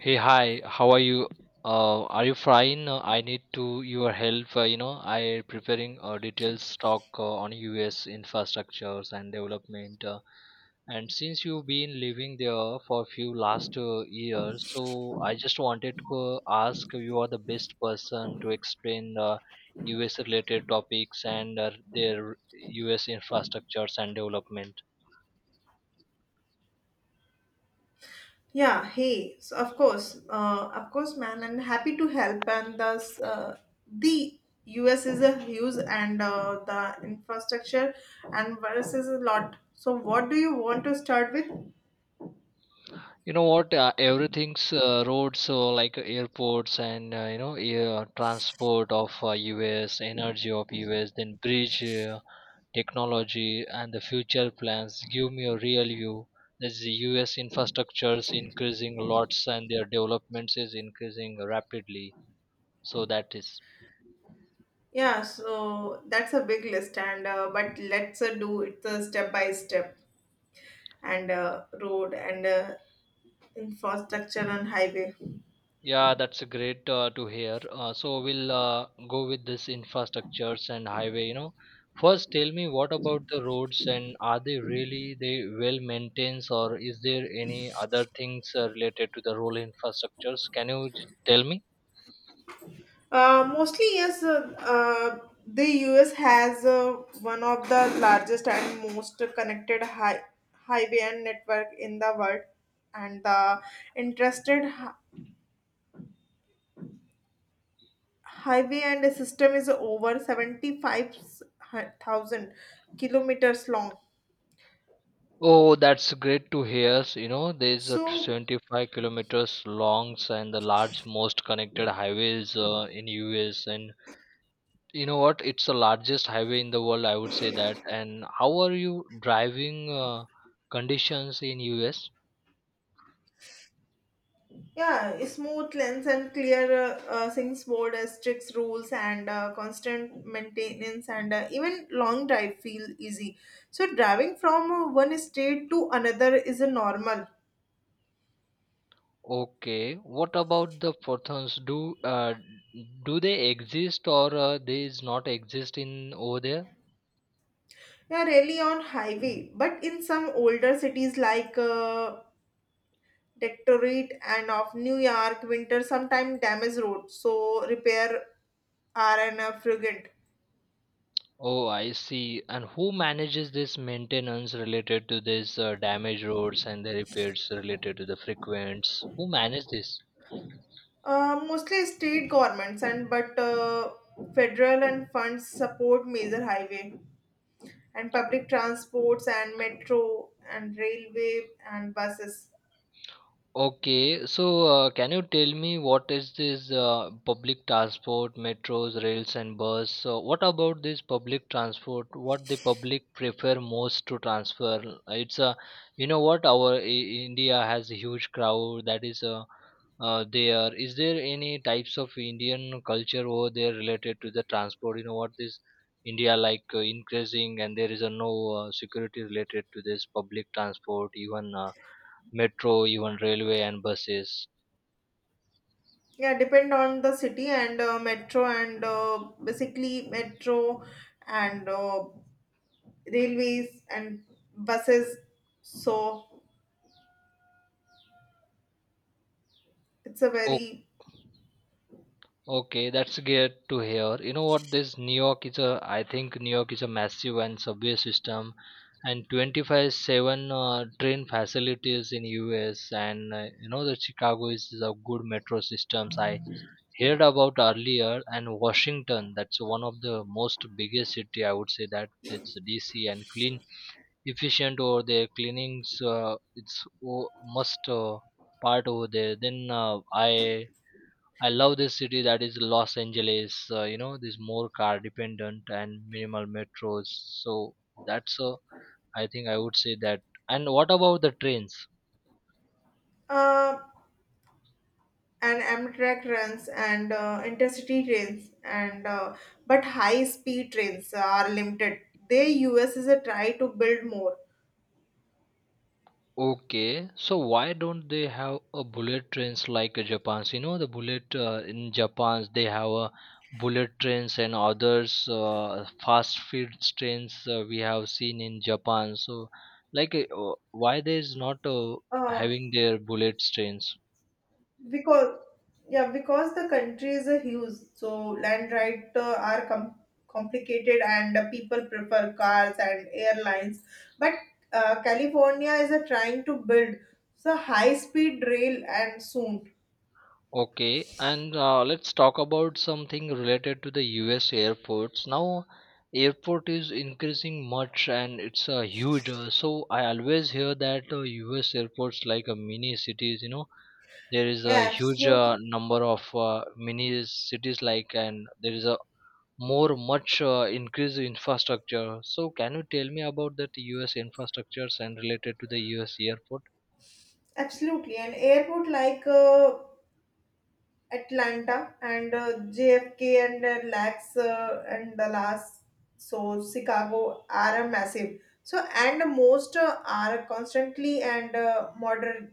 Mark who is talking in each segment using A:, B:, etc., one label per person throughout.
A: Hey, hi. How are you? Are you fine? I need to your help. I preparing a detailed stock on U.S. infrastructures and development. And since you've been living there for few last years, so I just wanted to ask you are the best person to explain U.S. related topics and their U.S. infrastructures and development.
B: Yeah, hey, so of course, man, and happy to help. And thus, the US is a huge and the infrastructure and virus is a lot. So, what do you want to start with?
A: You know what? Everything's roads, so like airports and air transport of US, energy of US, then bridge technology and the future plans. Give me a real view. That's the US infrastructures increasing lots and their developments is increasing rapidly. So that is.
B: Yeah, so that's a big list, and but let's do it step by step and road and infrastructure and highway.
A: Yeah, that's a great to hear. So we'll go with this infrastructures and highway, you know. First, tell me what about the roads and are they really they well maintained or is there any other things related to the road infrastructures? Can you tell me?
B: Mostly, yes. The U.S. has one of the largest and most connected highway and network in the world, and the interested highway and system is over 75,000 kilometers long.
A: Oh, that's great to hear. You know, there's a
B: So
A: 75 kilometers longs and the large most connected highways in US, and you know what? It's the largest highway in the world, I would say that. And how are you driving conditions in US?
B: yeah, a smooth lens and clear things board strict rules and constant maintenance and even long drive feel easy. So driving from one state to another is a normal.
A: Okay. What about the photons? Do they exist or they is not exist in over there?
B: Yeah, really on highway, but in some older cities like Detroit and of New York, winter sometimes damage roads. So repair are an frequent.
A: Oh, I see. And who manages this maintenance related to this damaged roads and the repairs related to the frequents? Who manage this?
B: Mostly state governments and but federal and funds support major highway and public transports and metro and railway and buses.
A: Okay, so can you tell me what is this public transport, metros, rails, and bus? So, what about this public transport? What the public prefer most to transfer? It's a, you know what, our I India has a huge crowd that is there. Is there any types of Indian culture over there related to the transport? You know what this India like increasing, and there is a no security related to this public transport, even. Metro, even railway and buses.
B: Yeah, depend on the city and metro and basically metro and railways and buses. So it's a
A: Oh,
B: very
A: okay, that's good to hear. You know what? This New York is a, I think New York is a massive and subway system, and 25/7 train facilities in US, and you know the Chicago is a good metro systems. I heard about earlier, and Washington, that's one of the most biggest city. I would say that it's DC and clean efficient or there cleanings it's must part over there, then I love this city that is Los Angeles. You know this more car dependent and minimal metros, so that's I think I would say that, and what about the trains?
B: uh, and Amtrak runs and intercity trains and but high speed trains are limited. They US is a try to build more.
A: Okay, so why don't they have a bullet trains like Japan's? You know, the bullet in Japan's they have a bullet trains and others fast food trains we have seen in Japan. So, like, why there's not
B: uh,
A: having their bullet trains?
B: because yeah because the country is a huge so land right are complicated and people prefer cars and airlines but California is a trying to build the high speed rail and soon.
A: Okay, and let's talk about something related to the US airports. Now, airport is increasing much and it's a huge. So I always hear that US airports like a mini cities, you know, there is a
B: Yeah,
A: huge
B: absolutely,
A: number of mini cities like, and there is a more much increased infrastructure. So can you tell me about that US infrastructures and related to the US airport?
B: an airport like Atlanta and JFK and LAX and Dallas, so Chicago are a massive. So and most are constantly and modern,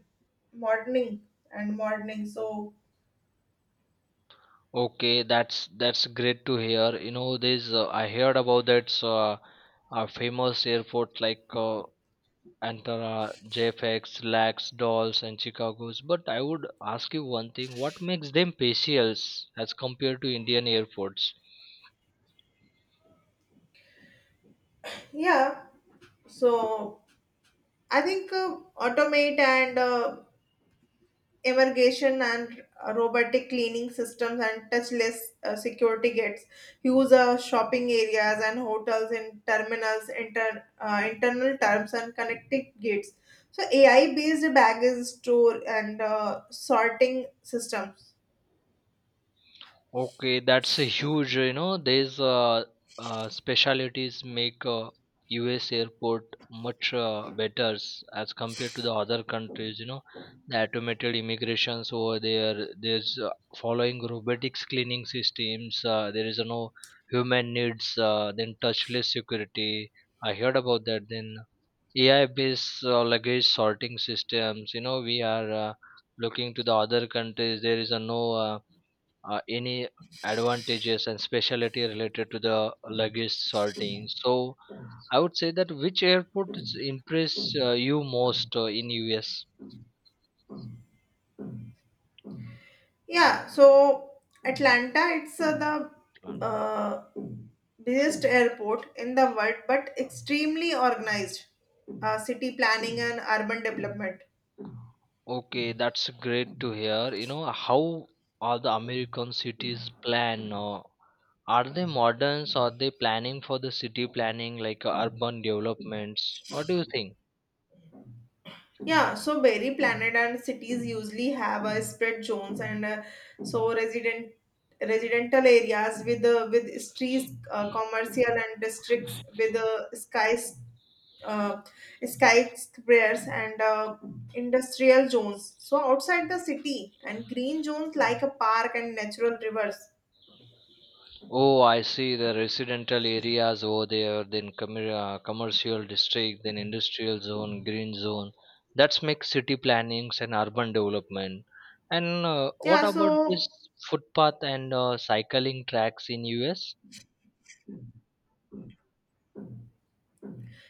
B: moderning moderning. So
A: Okay, that's great to hear. You know, there's I heard about that famous airport like Antara, JFX, LAX, Dulles, and Chicago's. But I would ask you one thing: what makes them special as compared to Indian airports?
B: yeah, so I think automate and irrigation and robotic cleaning systems and touchless security gates use shopping areas and hotels in terminals internal terms and connected gates, so AI based baggage store and sorting systems.
A: Okay, that's a huge, you know, these specialities make US airport much better as compared to the other countries, you know, the automated immigrations over there, there's following robotics cleaning systems, there is no human needs, then touchless security. I heard about that. Then AI-based luggage sorting systems, you know, we are looking to the other countries. There is a no. Any advantages and specialty related to the luggage sorting. So I would say that which airport is impress you most in US?
B: Yeah, so Atlanta, it's the
A: Plan?
B: busiest airport in the world, but extremely organized city planning and urban development.
A: Okay, that's great to hear. You know how are the American cities plan? Are they moderns? Are they planning for the city planning like urban developments? What do you think?
B: Yeah, so berry planet and cities usually have a spread zones and so residential areas with with streets, commercial and districts with skies uh, skyscrapers and industrial zones. So outside the city and green zones like a park and natural rivers.
A: Oh, I see the residential areas over there, then commercial district, then industrial zone, green zone. That's makes city plannings and urban development. And what
B: Yeah,
A: about
B: so
A: this footpath and cycling tracks in US?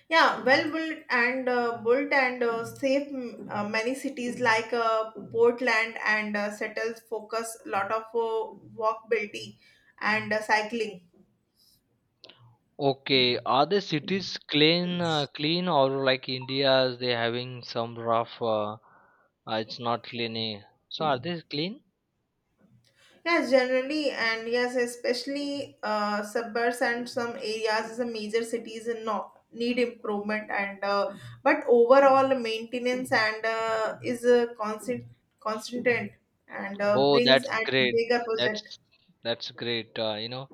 B: yeah, well built and safe. Many cities like Portland and Seattle's focus a lot of walkability and cycling.
A: Okay, are the cities clean, clean, or like India's they having some rough? It's not clean, eh? So are they clean?
B: Yes, generally, and yes, especially suburbs and some areas, the major cities in no need improvement and but overall maintenance and is a constant and
A: Oh,
B: brings
A: that's
B: and
A: great.
B: bigger project.
A: That's that's great. You know,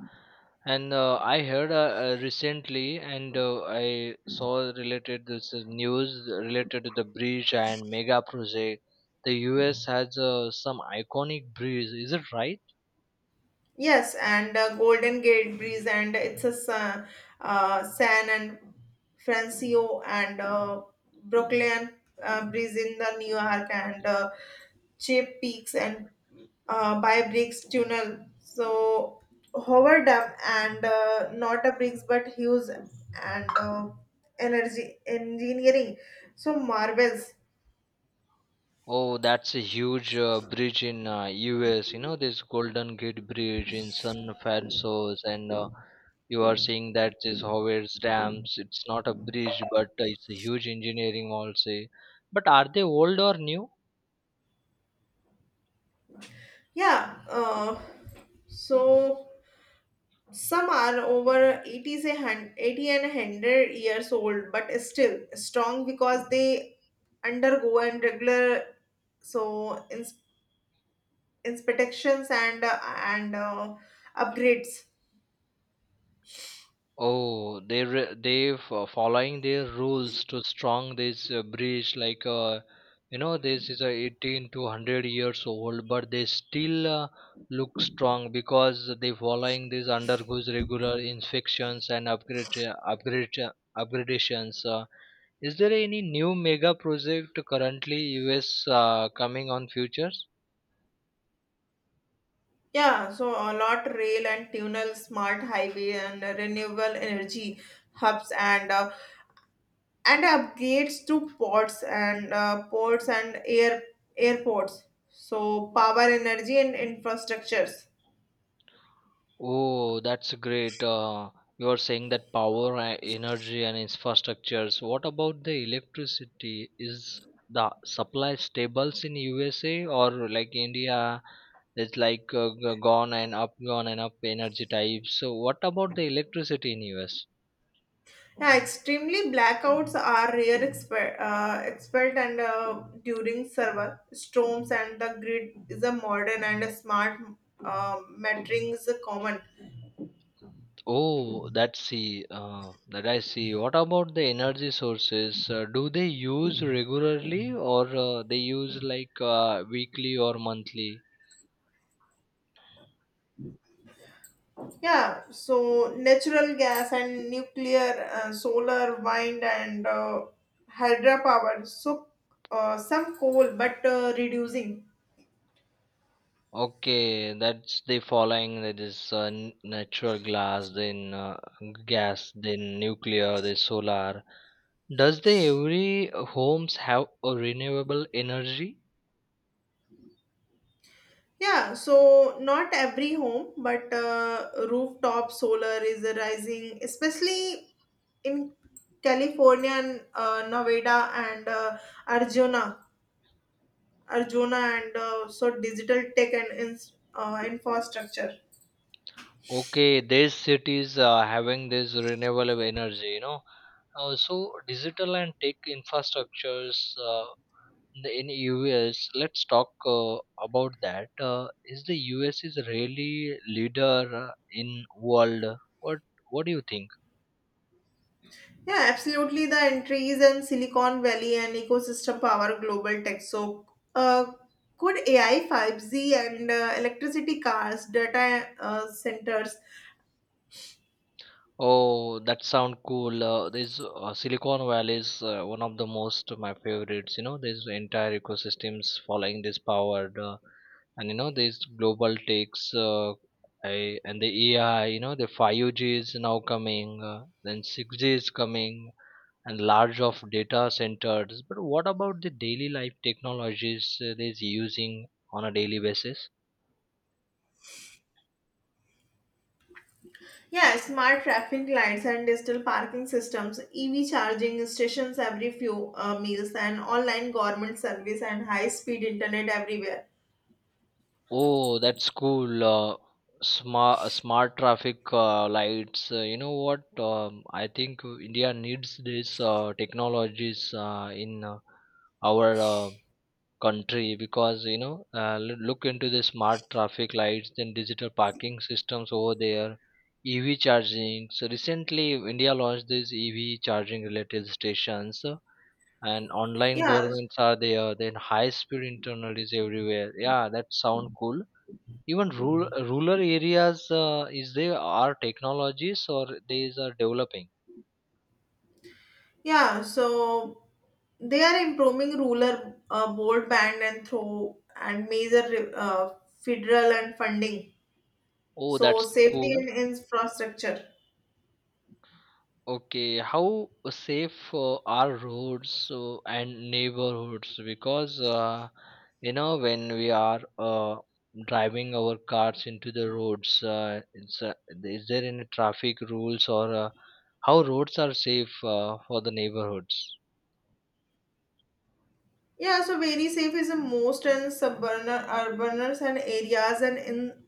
A: and I heard recently, and I saw related this news related to the bridge and mega project. The U.S. has some iconic bridge. Is it right?
B: Yes, and Golden Gate Bridge, and it's a San and Francisco, and Brooklyn Bridge in the New York, and Cheap Peaks and by Briggs Tunnel. So Howard Dam and not a Briggs, but Hughes and uh, Energy Engineering. So marvels,
A: Oh, that's a huge bridge in US. You know this Golden Gate Bridge in San Francisco, and you are saying that this Howard's Dams. It's not a bridge, but it's a huge engineering. Also, but are they old or new?
B: yeah. So some are over 80, say, 80 and 100 years old, but still strong because they undergo and regular, so inspections and upgrades.
A: Oh, they re- they f- following their rules to strong this bridge like you know this is a 18 to 100 years old but they still look strong because they following this undergoes regular inspections and upgrade upgrade upgradations. Is there any new mega project currently US coming on futures?
B: Yeah, so a lot rail and tunnel, smart highway and renewable energy hubs, and upgrades to ports and airports. So power, energy and infrastructures.
A: Oh, that's great. You're saying that power, energy, and infrastructures. What about the electricity? Is the supply stables in USA or like India? It's like gone and up energy types. So, what about the electricity in US?
B: Yeah, extremely, blackouts are rare, expert and during server storms, and the grid is a modern and a smart metering is a common.
A: Oh, that's see. That I see. What about the energy sources? Do they use regularly or they use like weekly or monthly?
B: Yeah, so natural gas and nuclear, solar, wind and hydropower. So some coal, but reducing.
A: Okay, that's the following that is natural glass, then gas, then nuclear, then solar. Does the every homes have a renewable energy?
B: Yeah, so not every home, but rooftop solar is rising, especially in California and Nevada and Arjuna, Arjuna, and so digital tech and ins infrastructure.
A: Okay, these cities are having this renewable energy, you know. So digital and tech infrastructures uh, in the in US. Let's talk about that. Is the US is really leader in world? What What do you think?
B: Yeah, absolutely. The entries in Silicon Valley and ecosystem power global tech. So, uh, could AI, 5G, and electricity cars, data centers.
A: Oh, that sound cool. This Silicon Valley is one of the most my favorites. You know, these entire ecosystems following this powered, and you know these global takes, and the AI. You know, the 5G is now coming, then 6G is coming, and large of data centers. But what about the daily life technologies they're using on a daily basis?
B: Yeah, smart traffic lights and digital parking systems, EV charging stations every few meals, and online government service and high-speed internet everywhere.
A: Oh, that's cool. Smart traffic lights. You know what? I think India needs these technologies in our country because you know, look into the smart traffic lights, then digital parking systems over there, EV charging. So recently, India launched these EV charging related stations. And online
B: Yeah,
A: governments are there, then high speed internet is everywhere. Yeah, that sound cool. Even rural areas, is there are technologies or these are developing?
B: yeah. So they are improving rural broadband and through and major federal and funding.
A: Oh,
B: So
A: that's
B: safety
A: cool.
B: and infrastructure.
A: Okay, how safe are roads and neighborhoods? Because you know, when we are driving our cars into the roads, is there any traffic rules or how roads are safe for the neighborhoods?
B: Yeah, so very safe is the most in suburban, urbaners and areas, and in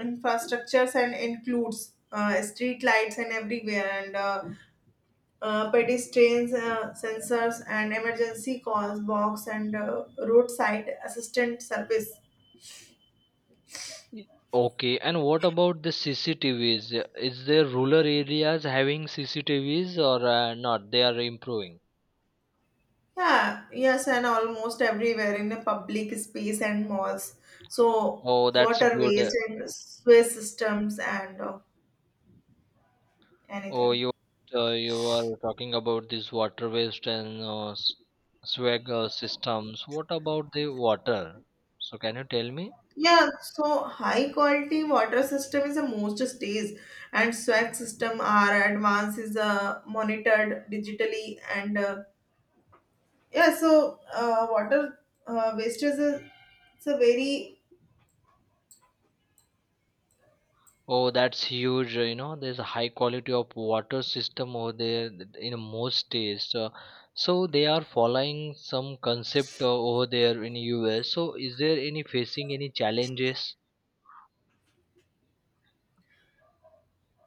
B: infrastructures, and includes street lights and everywhere and pedestrians sensors and emergency calls box and roadside assistant service.
A: Okay, and what about the CCTVs? Is there rural areas having CCTVs or not? They are improving.
B: Yeah, yes, and almost everywhere in the public space and malls. So
A: Oh, that's good.
B: waterways and sewer systems and
A: Oh,
B: anything.
A: you are talking about this water waste and swag systems. What about the water? So can you tell me?
B: Yeah, so high quality water system is the most stays, and swag system are advanced is monitored digitally, and yeah, so water waste is a, it's a very.
A: Oh, that's huge. You know, there's a high quality of water system over there in most states. So they are following some concept over there in US. So is there any facing any challenges?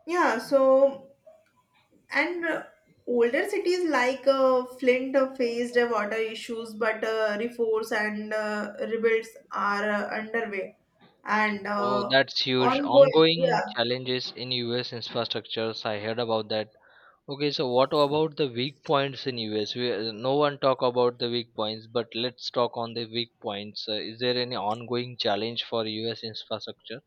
B: Yeah, so, and older cities like Flint faced water issues, but reforms and rebuilds are underway and
A: Oh, that's huge.
B: ongoing,
A: Ongoing
B: yeah.
A: challenges in US infrastructures. I heard about that. Okay, so what about the weak points in US? We, no one talk about the weak points, but let's talk on the weak points. Is there any ongoing challenge for US infrastructure?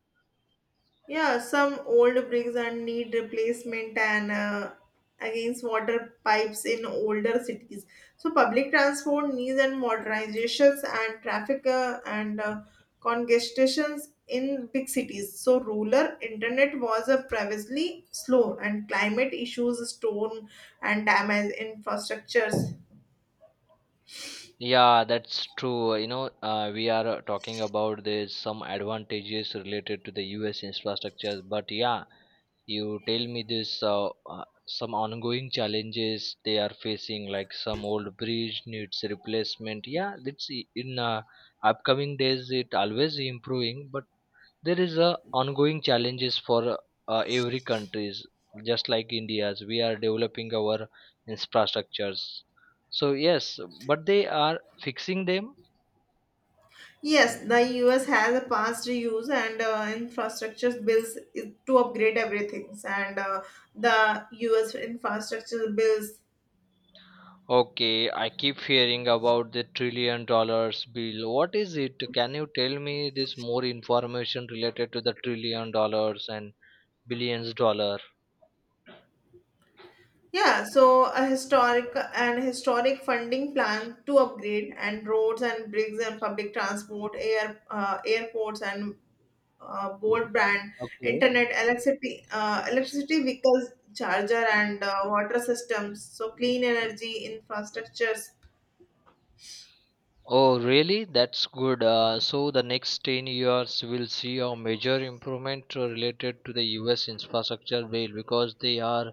B: Yeah, some old bricks and need replacement and against water pipes in older cities. So public transport needs and modernizations and traffic and congestions in big cities. So rural internet was previously slow, and climate issues, storm and damage infrastructures.
A: Yeah, that's true. You know, we are talking about this some advantages related to the US infrastructure, but yeah, you tell me this some ongoing challenges they are facing, like some old bridge needs replacement. Yeah, that's I- in upcoming days it always improving, but there is a ongoing challenges for every countries, just like India's. We are developing our infrastructures, so yes, but they are fixing them.
B: Yes, the US has a past reuse and infrastructure bills to upgrade everything, and the US infrastructure bills.
A: Okay, I keep hearing about the trillion dollars bill. What is it? Can you tell me this more information related to the trillion dollars and billions dollar?
B: Yeah, so a historic funding plan to upgrade and roads and bridges and public transport, airports and broadband,
A: Okay.
B: internet, electricity vehicles, charger and water systems. So clean energy infrastructures.
A: Oh, really? That's good. So the next 10 years will see a major improvement related to the US infrastructure bill because they are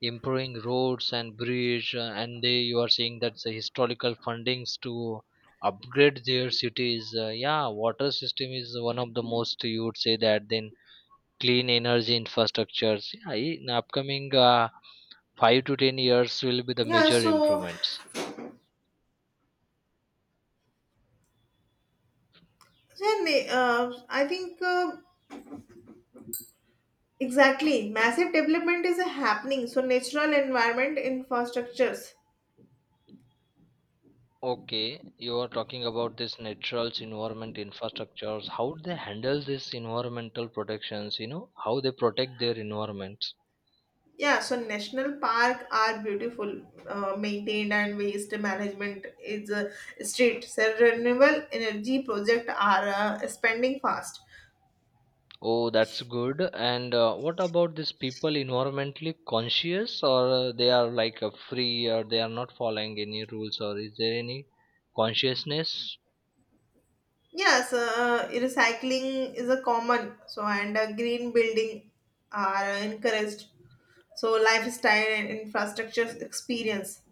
A: improving roads and bridge, and they you are seeing that the historical fundings to upgrade their cities. Yeah, water system is one of the most you would say that, then clean energy infrastructures. Yeah, in upcoming 5 to 10 years will be the
B: Yeah,
A: major
B: so
A: improvements.
B: So, Yeah, na- uh, I think, exactly. Massive development is happening. So natural environment infrastructures.
A: Okay, you are talking about this natural environment infrastructures. How they handle this environmental protections? You know how they protect their environments.
B: Yeah, so national park are beautiful, maintained, and waste management is strict. So renewable energy project are spending fast.
A: Oh, that's good. And what about these people environmentally conscious, or they are like free, or they are not following any rules, or is there any consciousness?
B: Yes, recycling is a common. So and green building are encouraged. So lifestyle and infrastructure experience.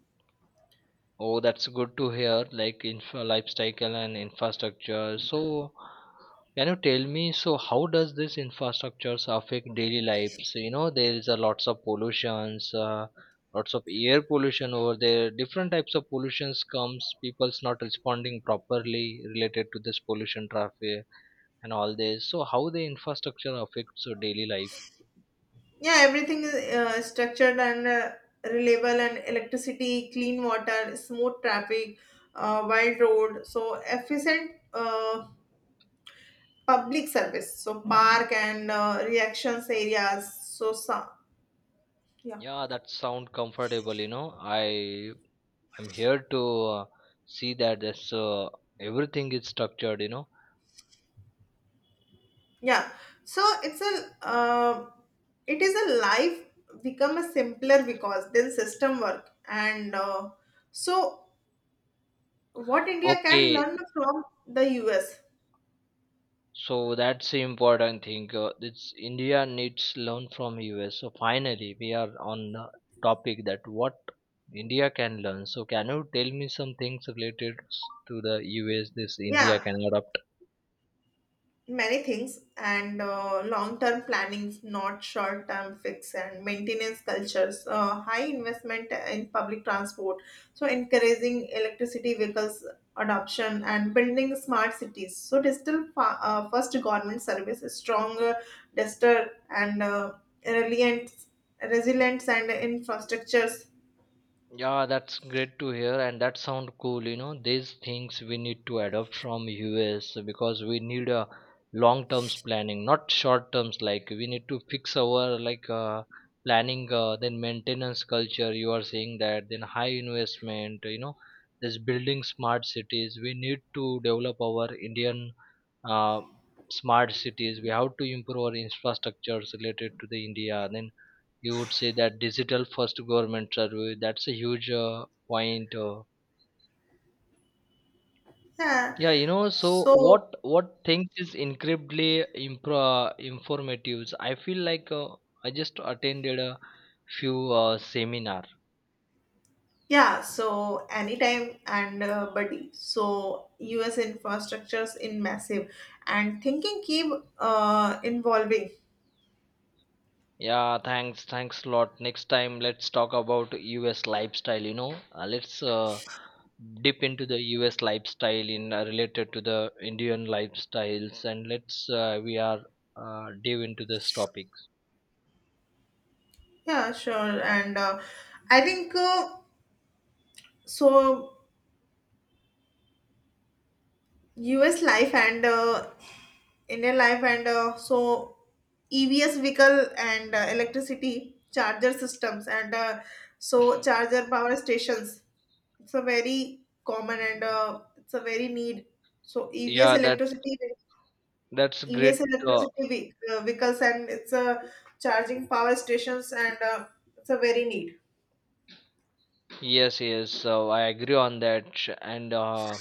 A: Oh, that's good to hear, like infra lifecycle and infrastructure. So, can you tell me, so how does this infrastructures affect daily lives? You know, there is a lots of pollutions, lots of air pollution over there. Different types of pollutions comes, people's not responding properly related to this pollution traffic and all this. So, how the infrastructure affects your daily life?
B: Yeah, everything is structured and reliable, and electricity, clean water, smooth traffic, wide road. So efficient public service. So park and reactions areas. So some, yeah,
A: Yeah, that sound comfortable, you know. I'm here to uh, see that this everything is structured, you know.
B: yeah. So it's a it is a life become a simpler because then system work and so what India can
A: Okay,
B: learn from the US.
A: so that's the important thing. It's India needs learn from US. So finally, we are on the topic that what India can learn. So can you tell me some things related to the US? This India can
B: Yeah,
A: learn.
B: many things, and long-term planning, not short-term fix and maintenance cultures, high investment in public transport, so encouraging electricity vehicles adoption and building smart cities. So digital first government service is stronger, digital and resilient, resilience and infrastructures.
A: Yeah, that's great to hear, and that sound cool. You know, these things we need to adopt from US because we need a long terms planning, not short terms. Like we need to fix our like planning, then maintenance culture. You are saying that then high investment. You know, this building smart cities. We need to develop our Indian uh, smart cities. We have to improve our infrastructures related to the India. Then you would say that digital first government survey, that's a huge point,
B: Yeah.
A: yeah, you know, so
B: So
A: what things is incredibly impro informative. I feel like I just attended a few seminar.
B: yeah, so anytime and buddy. So US infrastructures in massive, and thinking keep involving.
A: Yeah, thanks a lot. Next time let's talk about US lifestyle, you know. Let's dip into the US lifestyle in related to the Indian lifestyles, and let's we are dive into this topic.
B: Yeah, sure. And I think, so US life and Indian life and so EVS vehicle and electricity charger systems and so charger power stations. It's a very common and it's a very need. So EVS
A: Yeah, that's
B: electricity
A: That's great.
B: EVs
A: Uh,
B: electricity vehicles, and it's a charging power stations and it's a very need.
A: yes, yes. So I agree on that. And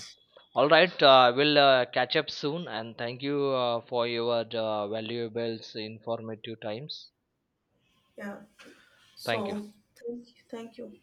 A: all right, we'll catch up soon. And thank you for your valuable, informative times.
B: Yeah.
A: Thank you.
B: So thank you. Thank you.